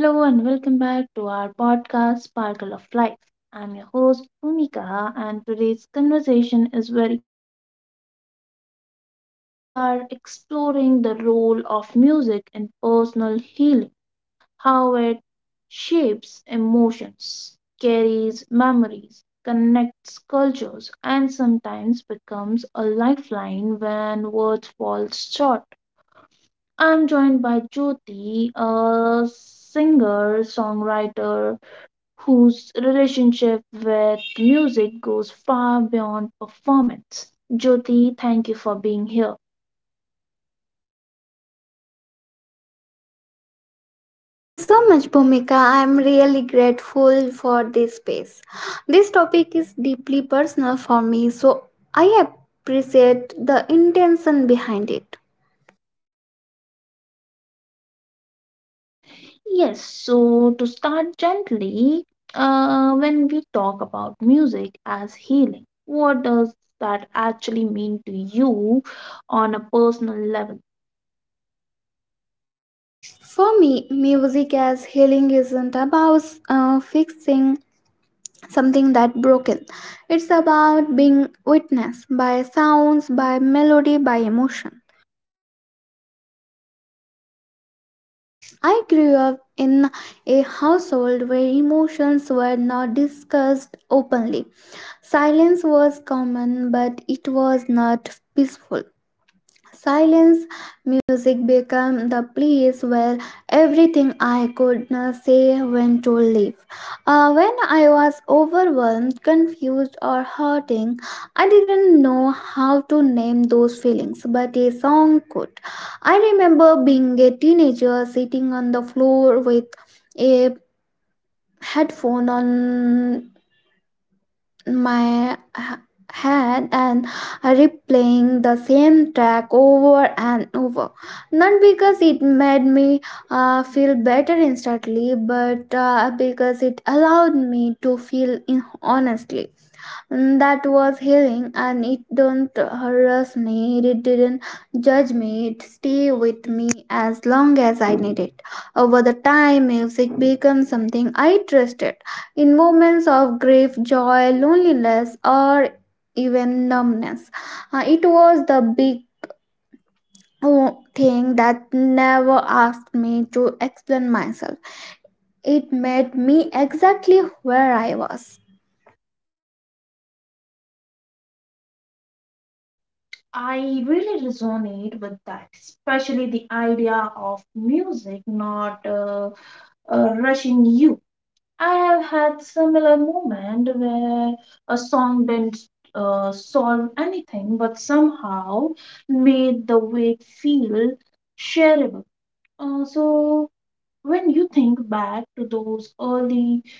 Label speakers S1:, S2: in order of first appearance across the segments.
S1: Hello and welcome back to our podcast Sparkle of Life. I'm your host Bhumika, and today's conversation is very close to the heart. We are exploring the role of music in personal healing, how it shapes emotions, carries memories, connects cultures, and sometimes becomes a lifeline when words falls short. I'm joined by Jyoti, a singer, songwriter, whose relationship with music goes far beyond performance. Jyoti, thank you for being here.
S2: Thank you so much, Bhumika. I'm really grateful for this space. This topic is deeply personal for me, so I appreciate the intention behind it.
S1: Yes, so to start gently, when we talk about music as healing, what does that actually mean to you on a personal level?
S2: For me, music as healing isn't about fixing something that broken. It's about being witnessed by sounds, by melody, by emotion. I grew up in a household where emotions were not discussed openly. Silence was common, but it was not peaceful. Silence music became the place where everything I could say went to live. When I was overwhelmed, confused, or hurting, I didn't know how to name those feelings, but a song could. I remember being a teenager sitting on the floor with a headphone on my head and replaying the same track over and over. Not because it made me feel better instantly, but because it allowed me to feel honestly. Mm, that was healing, and it don't harass me, it didn't judge me, it stayed with me as long as I needed it. Over the time, music became something I trusted. In moments of grief, joy, loneliness, or even numbness, it was the big oh, thing that never asked me to explain myself. It met me exactly where I was.
S1: I really resonate with that, especially the idea of music not rushing you. I have had similar moment where a song didn't solve anything, but somehow made the wait feel shareable. So when you think back to those early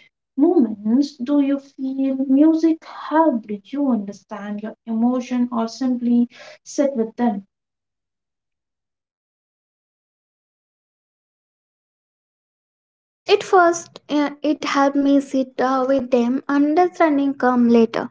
S1: moments, do you feel music helped you understand your emotion or simply sit with them?
S2: At first, it helped me sit with them, understanding come later.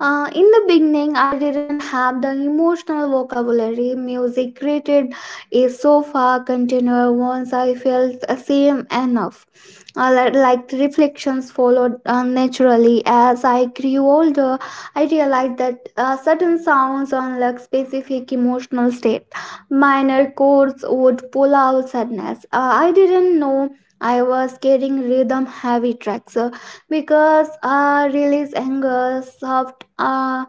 S2: In the beginning, I didn't have the emotional vocabulary. Music created a sofa container once I felt the same enough. Like the reflections followed naturally. As I grew older, I realized that certain sounds unlock specific emotional state. Minor chords would pull out sadness. I didn't know I was getting rhythm heavy tracks because I release anger, soft,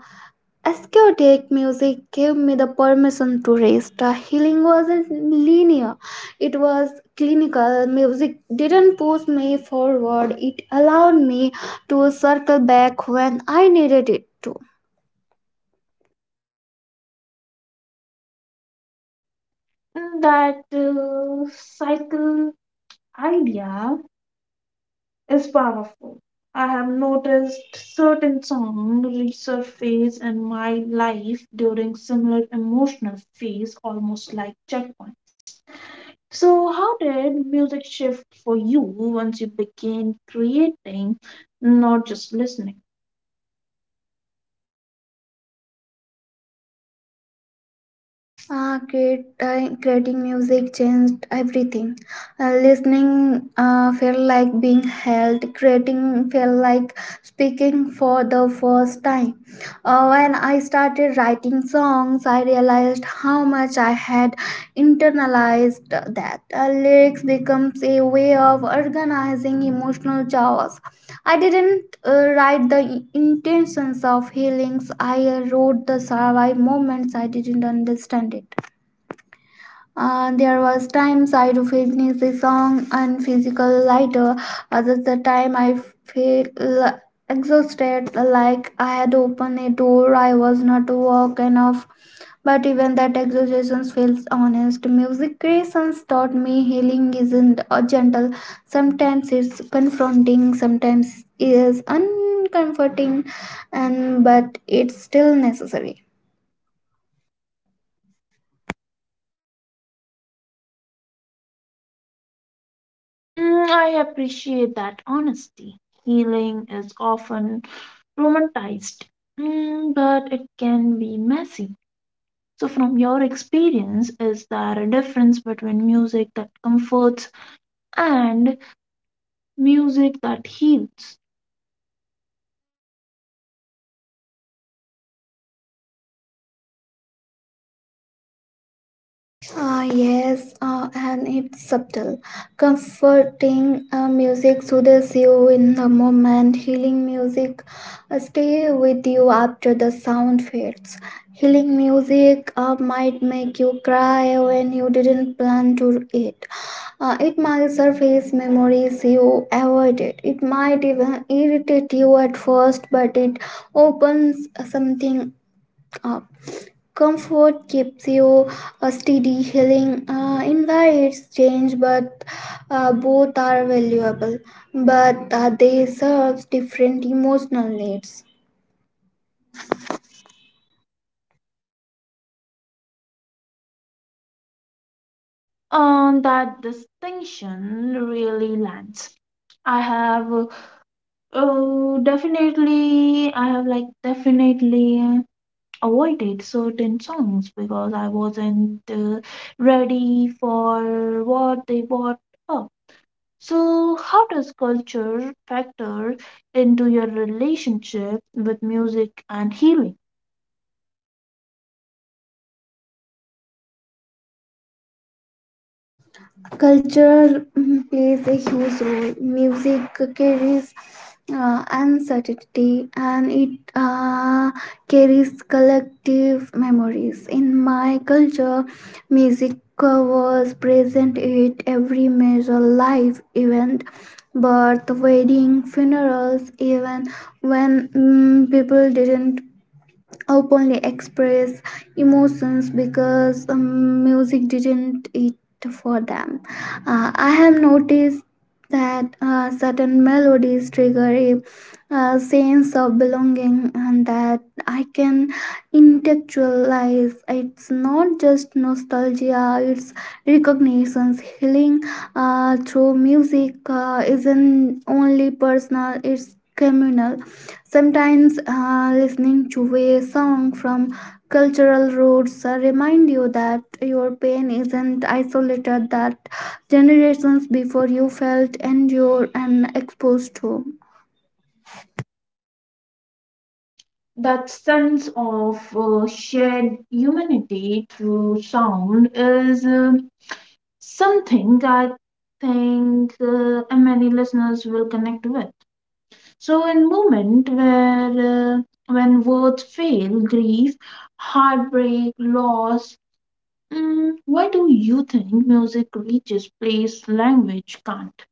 S2: ascetic music gave me the permission to rest. Healing wasn't linear, it was clinical. Music didn't push me forward, it allowed me to circle back when I needed it to.
S1: Mm. That cycle idea is powerful. I have noticed certain songs resurface in my life during similar emotional phase, almost like checkpoints. So, how did music shift for you once you began creating, not just listening?
S2: Creating music changed everything. Listening felt like being held, creating felt like speaking for the first time. When I started writing songs, I realized how much I had internalized that. Lyrics becomes a way of organizing emotional chaos. I didn't write the intentions of healings. I wrote the survive moments. I didn't understand it. There was times I do finish the song and physical lighter. Others the time I feel l- exhausted, like I had opened a door I was not walk enough. But even that exhaustion feels honest. Music creations taught me healing isn't gentle. Sometimes it's confronting, sometimes it is uncomforting, and but it's still necessary.
S1: Mm, I appreciate that honesty. Healing is often romanticized, mm, but it can be messy. So, from your experience, is there a difference between music that comforts and music that heals?
S2: Ah yes, and it's subtle. Comforting music soothes you in the moment. Healing music stay with you after the sound fades. Healing music might make you cry when you didn't plan to it. It might surface memories you avoided. It might even irritate you at first, but it opens something up. Comfort keeps you a steady, healing invites change, but both are valuable, but they serve different emotional needs.
S1: On that distinction really lands. I have definitely avoided certain songs because I wasn't ready for what they brought up. So, how does culture factor into your relationship with music and healing?
S2: Culture mm, plays a huge role. Music carries uncertainty, and it carries collective memories. In my culture, music was present at every major life event: birth, wedding, funerals, even when mm, people didn't openly express emotions, because music didn't it for them. I have noticed that certain melodies trigger a sense of belonging, and that I can intellectualize. It's not just nostalgia, it's recognitions. Healing through music isn't only personal, it's communal. Sometimes listening to a song from cultural roots remind you that your pain isn't isolated, that generations before you felt endured and exposed to.
S1: That sense of shared humanity through sound is something I think many listeners will connect with. So, in moment where when words fail, grief, heartbreak, loss, mm, why do you think music reaches place language can't?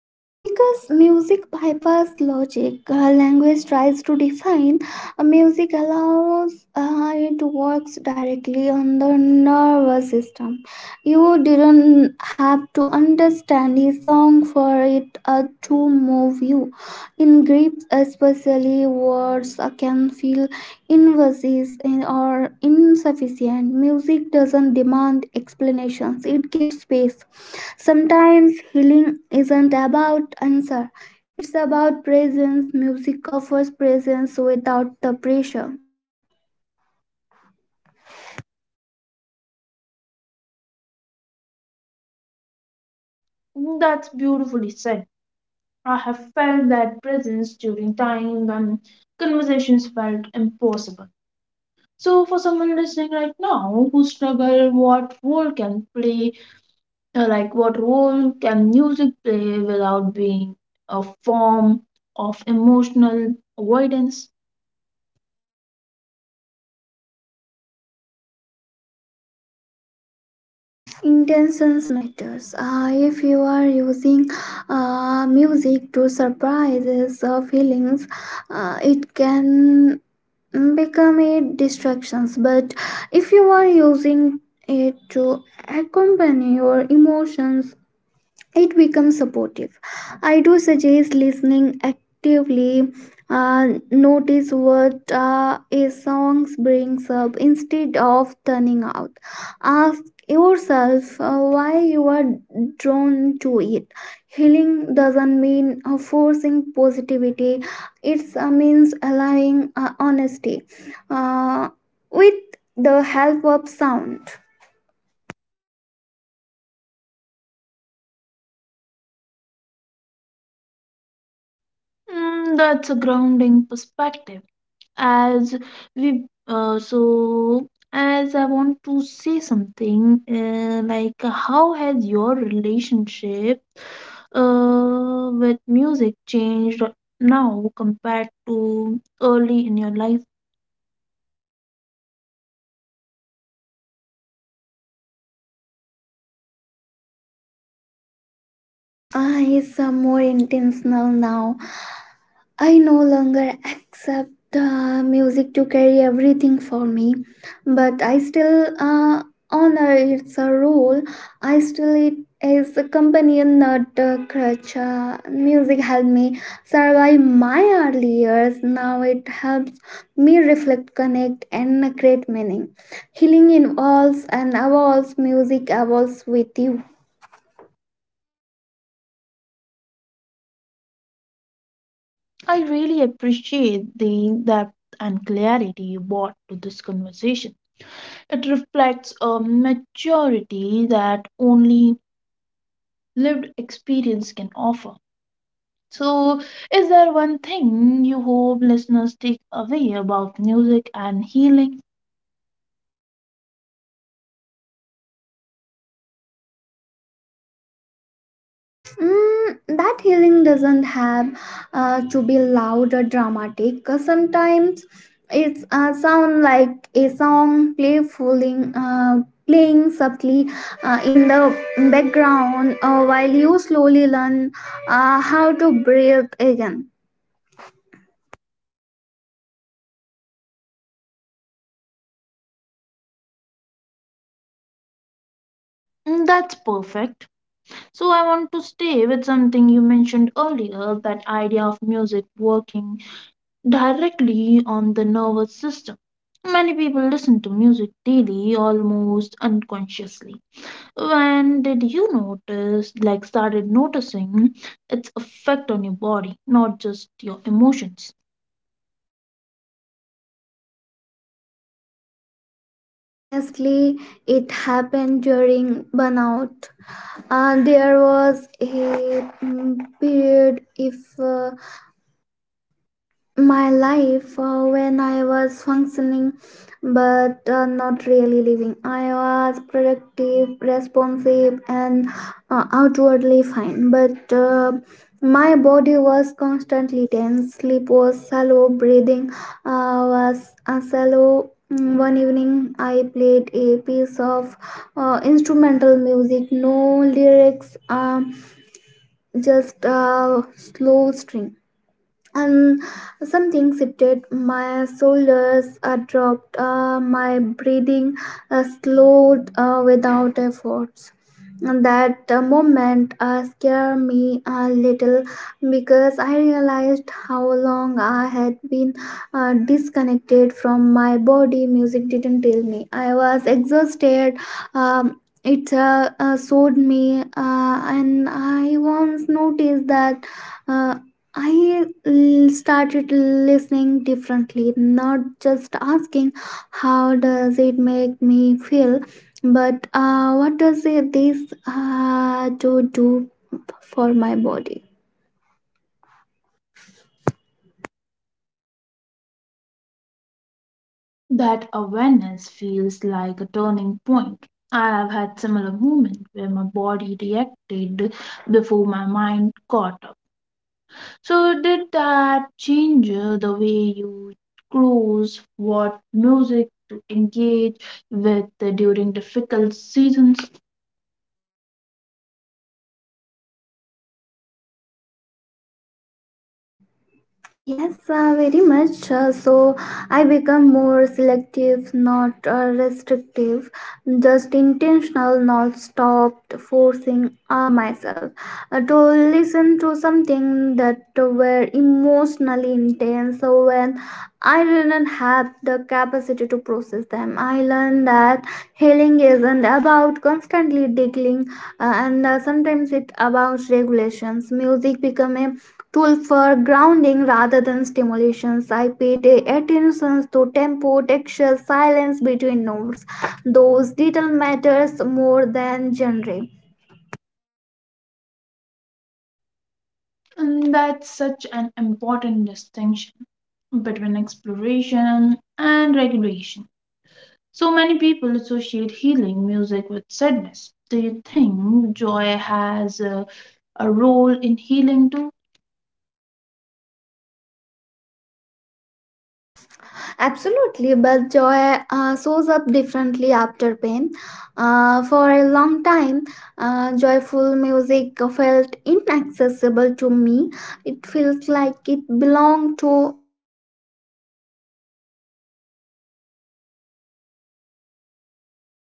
S2: Because music bypass logic, language tries to define. Music allows it works directly on the nervous system. You didn't have to understand a song for it to move you. In grips, especially, words can feel invasive and- or insufficient. Music doesn't demand explanations; it gives space. Sometimes healing isn't about answer, it's about presence. Music offers presence without the pressure.
S1: That's beautifully said. I have felt that presence during time when conversations felt impossible. So, for someone listening right now who struggle, what role can music play without being a form of emotional avoidance?
S2: Intentions matters. If you are using music to surprises or feelings, it can become a distractions. But if you are using it to accompany your emotions, it becomes supportive. I do suggest listening actively. Uh, notice what a song brings up instead of turning out. Ask yourself why you are drawn to it. Healing doesn't mean forcing positivity, it means allowing honesty uh, with the help of sound.
S1: Mm, that's a grounding perspective. As we, so as I want to say something, like how has your relationship, with music changed now compared to early in your life?
S2: It's more intentional now. I no longer accept music to carry everything for me, but I still honor its a role. I still it is a companion, not a crutch. Music helped me survive my early years. Now it helps me reflect, connect, and create meaning. Healing involves and evolves. Music evolves with you.
S1: I really appreciate the depth and clarity you brought to this conversation. It reflects a maturity that only lived experience can offer. So, is there one thing you hope listeners take away about music and healing?
S2: Mm, that healing doesn't have to be loud or dramatic. Sometimes it's sound like a song playfully playing subtly in the background while you slowly learn how to breathe again.
S1: Mm, that's perfect. So, I want to stay with something you mentioned earlier, that idea of music working directly on the nervous system. Many people listen to music daily almost unconsciously. When did you notice, like, started noticing its effect on your body, not just your emotions?
S2: Honestly, it happened during burnout. There was a mm, period if. My life when I was functioning but not really living. I was productive, responsive, and outwardly fine, but my body was constantly tense. Sleep was shallow, breathing was shallow. Mm, one evening, I played a piece of instrumental music, no lyrics, just slow string, and something shifted. My shoulders dropped, my breathing slowed without efforts. And that moment scared me a little, because I realized how long I had been disconnected from my body. Music didn't tell me I was exhausted, um, it showed me, and I once noticed that uh, I started listening differently, not just asking how does it make me feel, but what does it, this to do for my body.
S1: That awareness feels like a turning point. I have had similar moments where my body reacted before my mind caught up. So did that change the way you choose what music to engage with during difficult seasons?
S2: Yes, very much. So I become more selective, not restrictive, just intentional. Not stopped forcing myself to listen to something that were emotionally intense. So when I didn't have the capacity to process them, I learned that healing isn't about constantly digging, and sometimes it's about regulations. Music become a tool for grounding rather than stimulations. I paid attention to tempo, texture, silence between notes. Those detail matters more than genre.
S1: And that's such an important distinction between exploration and regulation. So many people associate healing music with sadness. Do you think joy has a role in healing too?
S2: Absolutely, but joy shows up differently after pain. For a long time, joyful music felt inaccessible to me. It feels like it belonged to a version of myself I was not sure about could return to.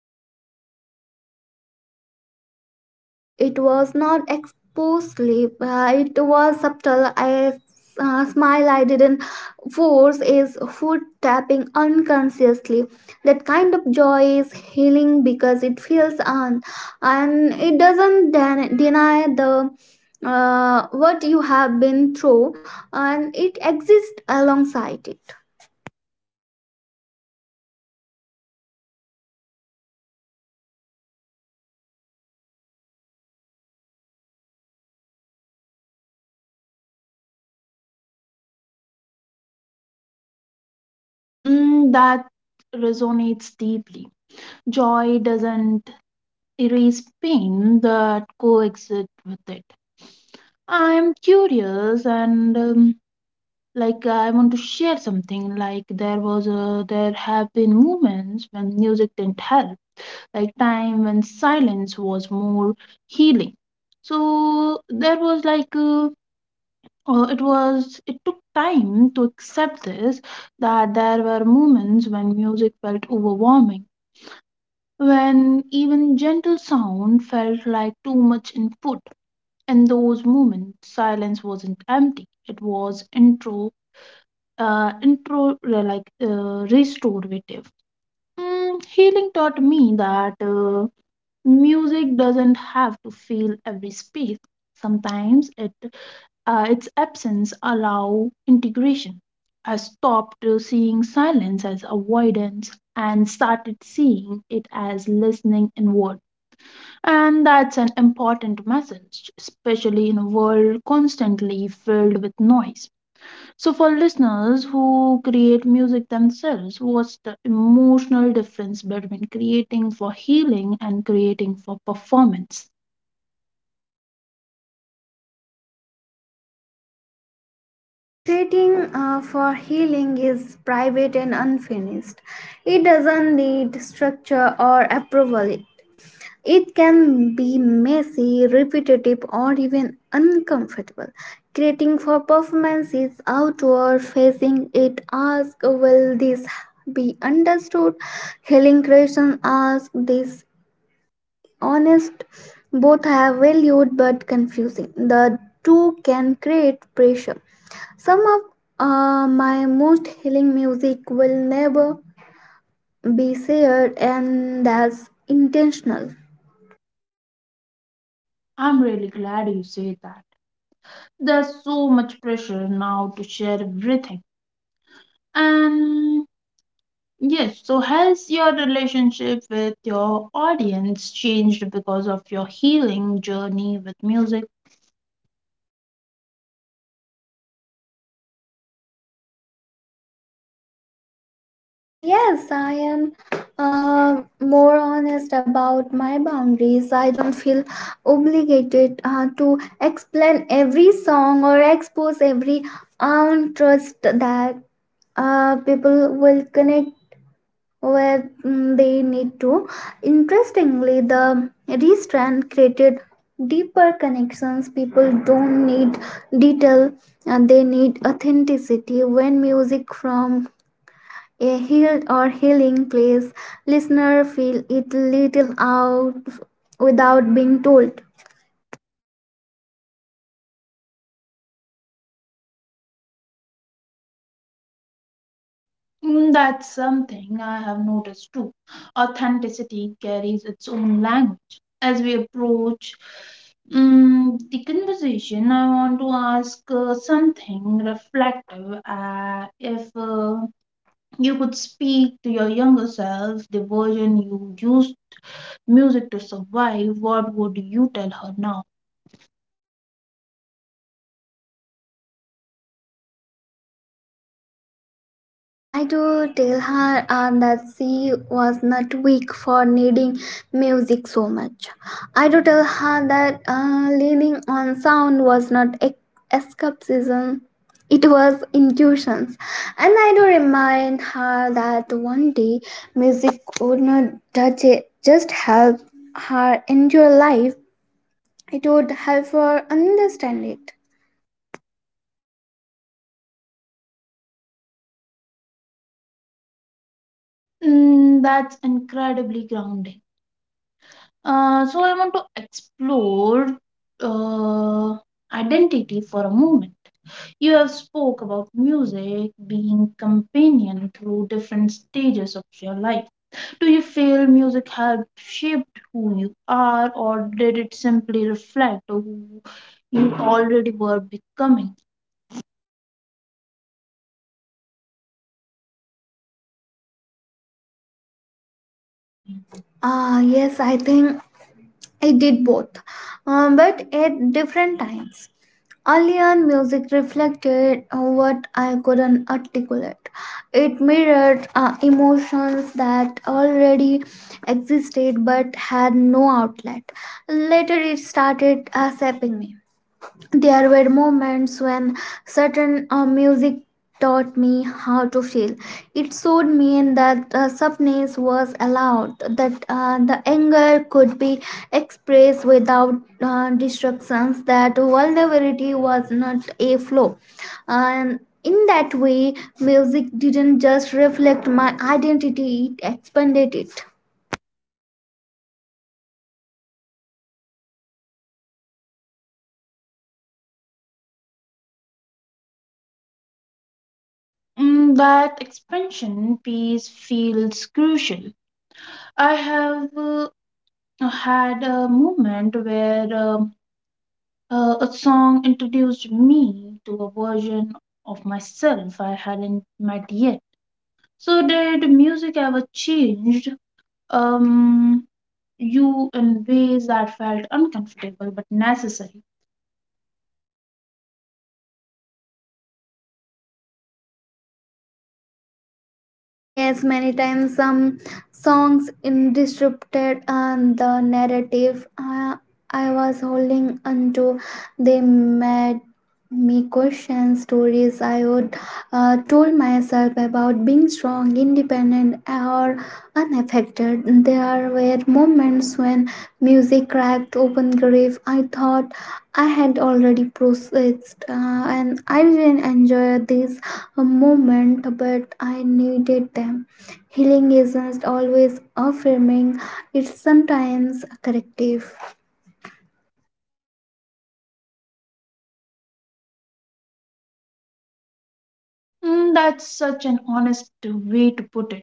S2: But when our joy come back through music, it was not exposed sleep. It was subtle. I smile I didn't force is foot tapping unconsciously. That kind of joy is healing because it feels on, and it doesn't deny the what you have been through, and it exists alongside it.
S1: Mm, that resonates deeply. Joy doesn't erase pain, that coexists with it. I'm curious, and like I want to share something, like there was a there have been moments when music didn't help, like time when silence was more healing. So there was like it was, it took time to accept this, that there were moments when music felt overwhelming, when even gentle sound felt like too much input. In those moments silence wasn't empty, it was intro, like restorative. Mm, healing taught me that music doesn't have to fill every space. Sometimes it its absence allow integration. I stopped seeing silence as avoidance and started seeing it as listening inward. And that's an important message, especially in a world constantly filled with noise. So, for listeners who create music themselves, what's the emotional difference between creating for healing and creating for performance?
S2: Creating for healing is private and unfinished. It doesn't need structure or approval. It can be messy, repetitive, or even uncomfortable. Creating for performance is outward facing. It asks, "Will this be understood?" Healing creation asks this honest. Both have valued, but confusing the two can create pressure. Some of my most healing music will never be shared, and that's intentional.
S1: I'm really glad you said that. There's so much pressure now to share everything. And yes, so has your relationship with your audience changed because of your healing journey with music?
S2: Ah yes, I am more honest about my boundaries. I don't feel obligated to explain every song or expose every untrust, that people will connect where mm, they need to. Interestingly, the restrand created deeper connections. People don't need detail, and they need authenticity. When music from a healed or healing place, listener feel it little out without being told.
S1: Mm, that's something I have noticed too. Authenticity carries its own language. As we approach mm, the conversation, I want to ask something reflective. If you could speak to your younger self, the version you used music to survive, what would you tell her now?
S2: I do tell her that she was not weak for needing music so much. I do tell her that leaning on sound was not escapism, it was intuitions. And I do remind her that one day music would not judge it, just help her enjoy life, it would help her understand it.
S1: Mm, that's incredibly grounding. So I want to explore uh, identity for a moment. You have spoke about music being companion through different stages of your life. Do you feel music helped shape who you are, or did it simply reflect who you already were becoming?
S2: Ah, yes, I think I did both, but at different times. Earlier, music reflected what I couldn't articulate. It mirrored emotions that already existed but had no outlet. Later, it started sapping me. There were moments when certain music taught me how to feel. It showed me that softness was allowed, that the anger could be expressed without distractions, that vulnerability was not a flaw. And in that way, music didn't just reflect my identity, it expanded it.
S1: Mm, that expansion piece feels crucial. I have had a moment where a song introduced me to a version of myself I hadn't met yet. So, did music ever changed um, you in ways that felt uncomfortable but necessary?
S2: Ah, yes, many times some songs in disrupted and the narrative I was holding onto. They made me question stories I would told myself about being strong, independent, or unaffected. There were moments when music cracked open grief I thought I had already processed, and I didn't enjoy these a moment, but I needed them. Healing isn't always affirming, it's sometimes corrective.
S1: Mm, that's such an honest way to put it.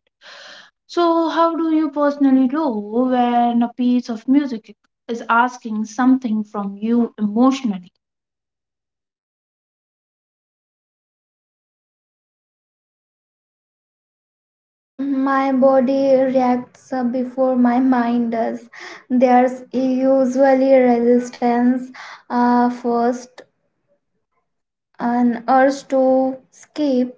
S1: So, how do you personally know when a piece of music is asking something from you emotionally?
S2: My body reacts before my mind does. There's usually resistance first, an urge to escape,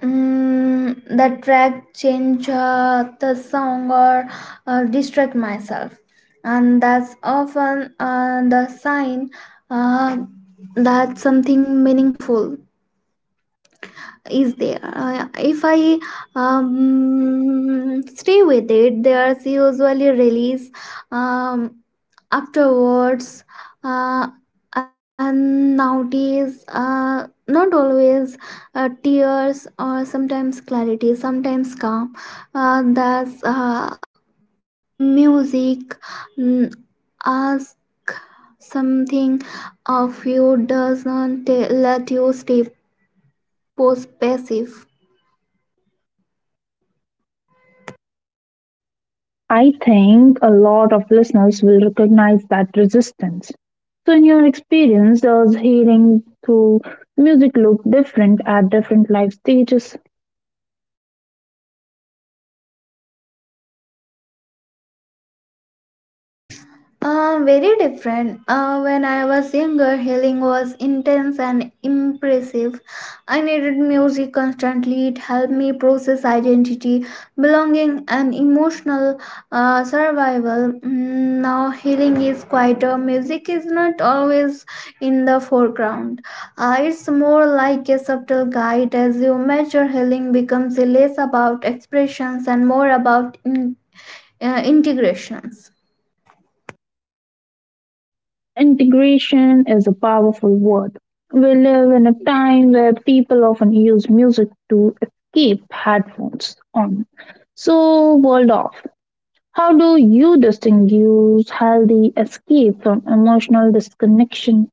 S2: mm, the track change the song or distract myself, and that's often the sign uh, that something meaningful is there. If I stay with it, there's usually release um, afterwards, uh, and nowadays, not always tears, or sometimes clarity, sometimes calm. That's music mm, ask something of you, does not let you stay post passive.
S1: I think a lot of listeners will recognize that resistance. So, in your experience, does healing through music look different at different life stages?
S2: Very different. When I was younger, healing was intense and impressive. I needed music constantly. It helped me process identity, belonging, and emotional survival. Mm, now, healing is quieter. Music is not always in the foreground. It's more like a subtle guide. As you measure, healing becomes less about expressions and more about in, integrations.
S1: Integration is a powerful word. We live in a time where people often use music to escape, headphones on. So, world off. How do you distinguish healthy escape from emotional disconnection?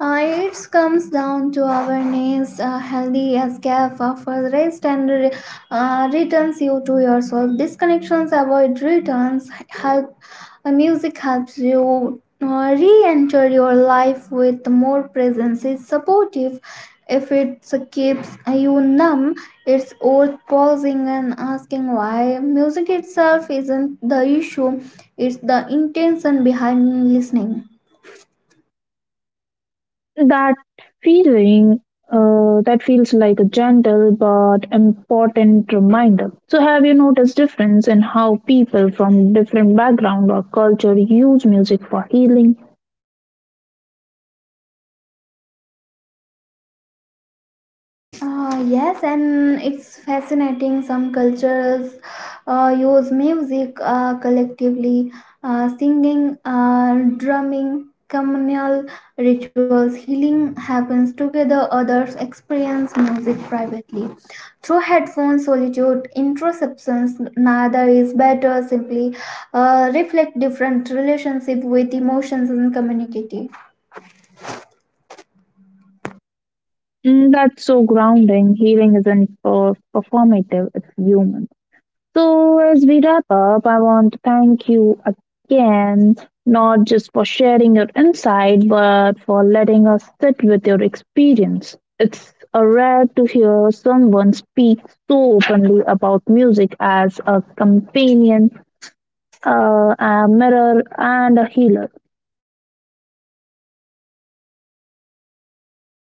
S2: It comes down to our needs. A healthy escape offers rest and returns you to yourself. Disconnections avoid returns. Help Music helps you re-enter your life with more presence. It's supportive. If it keeps you numb, it's worth pausing and asking why. Music itself isn't the issue; it's the intention behind listening.
S1: That feeling that feels like a gentle but important reminder. So, have you noticed difference in how people from different background or culture use music for healing?
S2: Yes, and it's fascinating. Some cultures use music collectively, singing, drumming, communal rituals. Healing happens together, others experience music privately. Through headphones, solitude, introceptions, neither is better. Simply reflect different relationship with emotions and community.
S1: Mm, that's so grounding. Healing isn't performative; it's human. So, as we wrap up, I want to thank you again, not just for sharing your insight, but for letting us sit with your experience. It's a rare to hear someone speak so openly about music as a companion, a mirror, and a healer.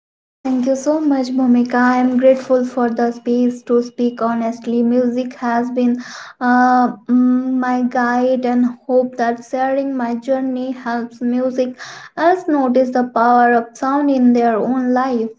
S2: Thank you so much, Bhumika. I am grateful for the space to speak honestly. Music has been my guide, and hope that sharing my journey helps music us notice the power of sound in their own life.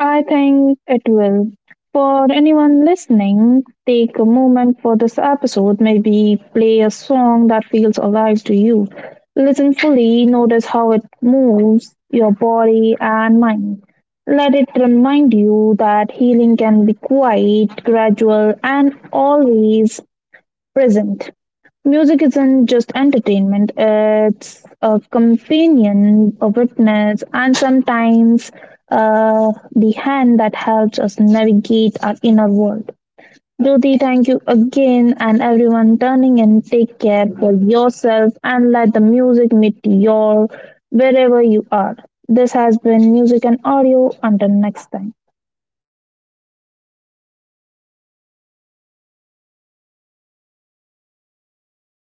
S1: I think it will. For anyone listening, take a moment for this episode. Maybe play a song that feels alive to you. Listen fully, notice how it moves your body and mind. Let it remind you that healing can be quiet, gradual, and always present. Music isn't just entertainment, it's a companion, a witness, and sometimes the hand that helps us navigate our inner world. Jyoti, thank you again, and everyone turning in. Take care for yourself and let the music meet your wherever you are. This has been Music and Audio. Until next time.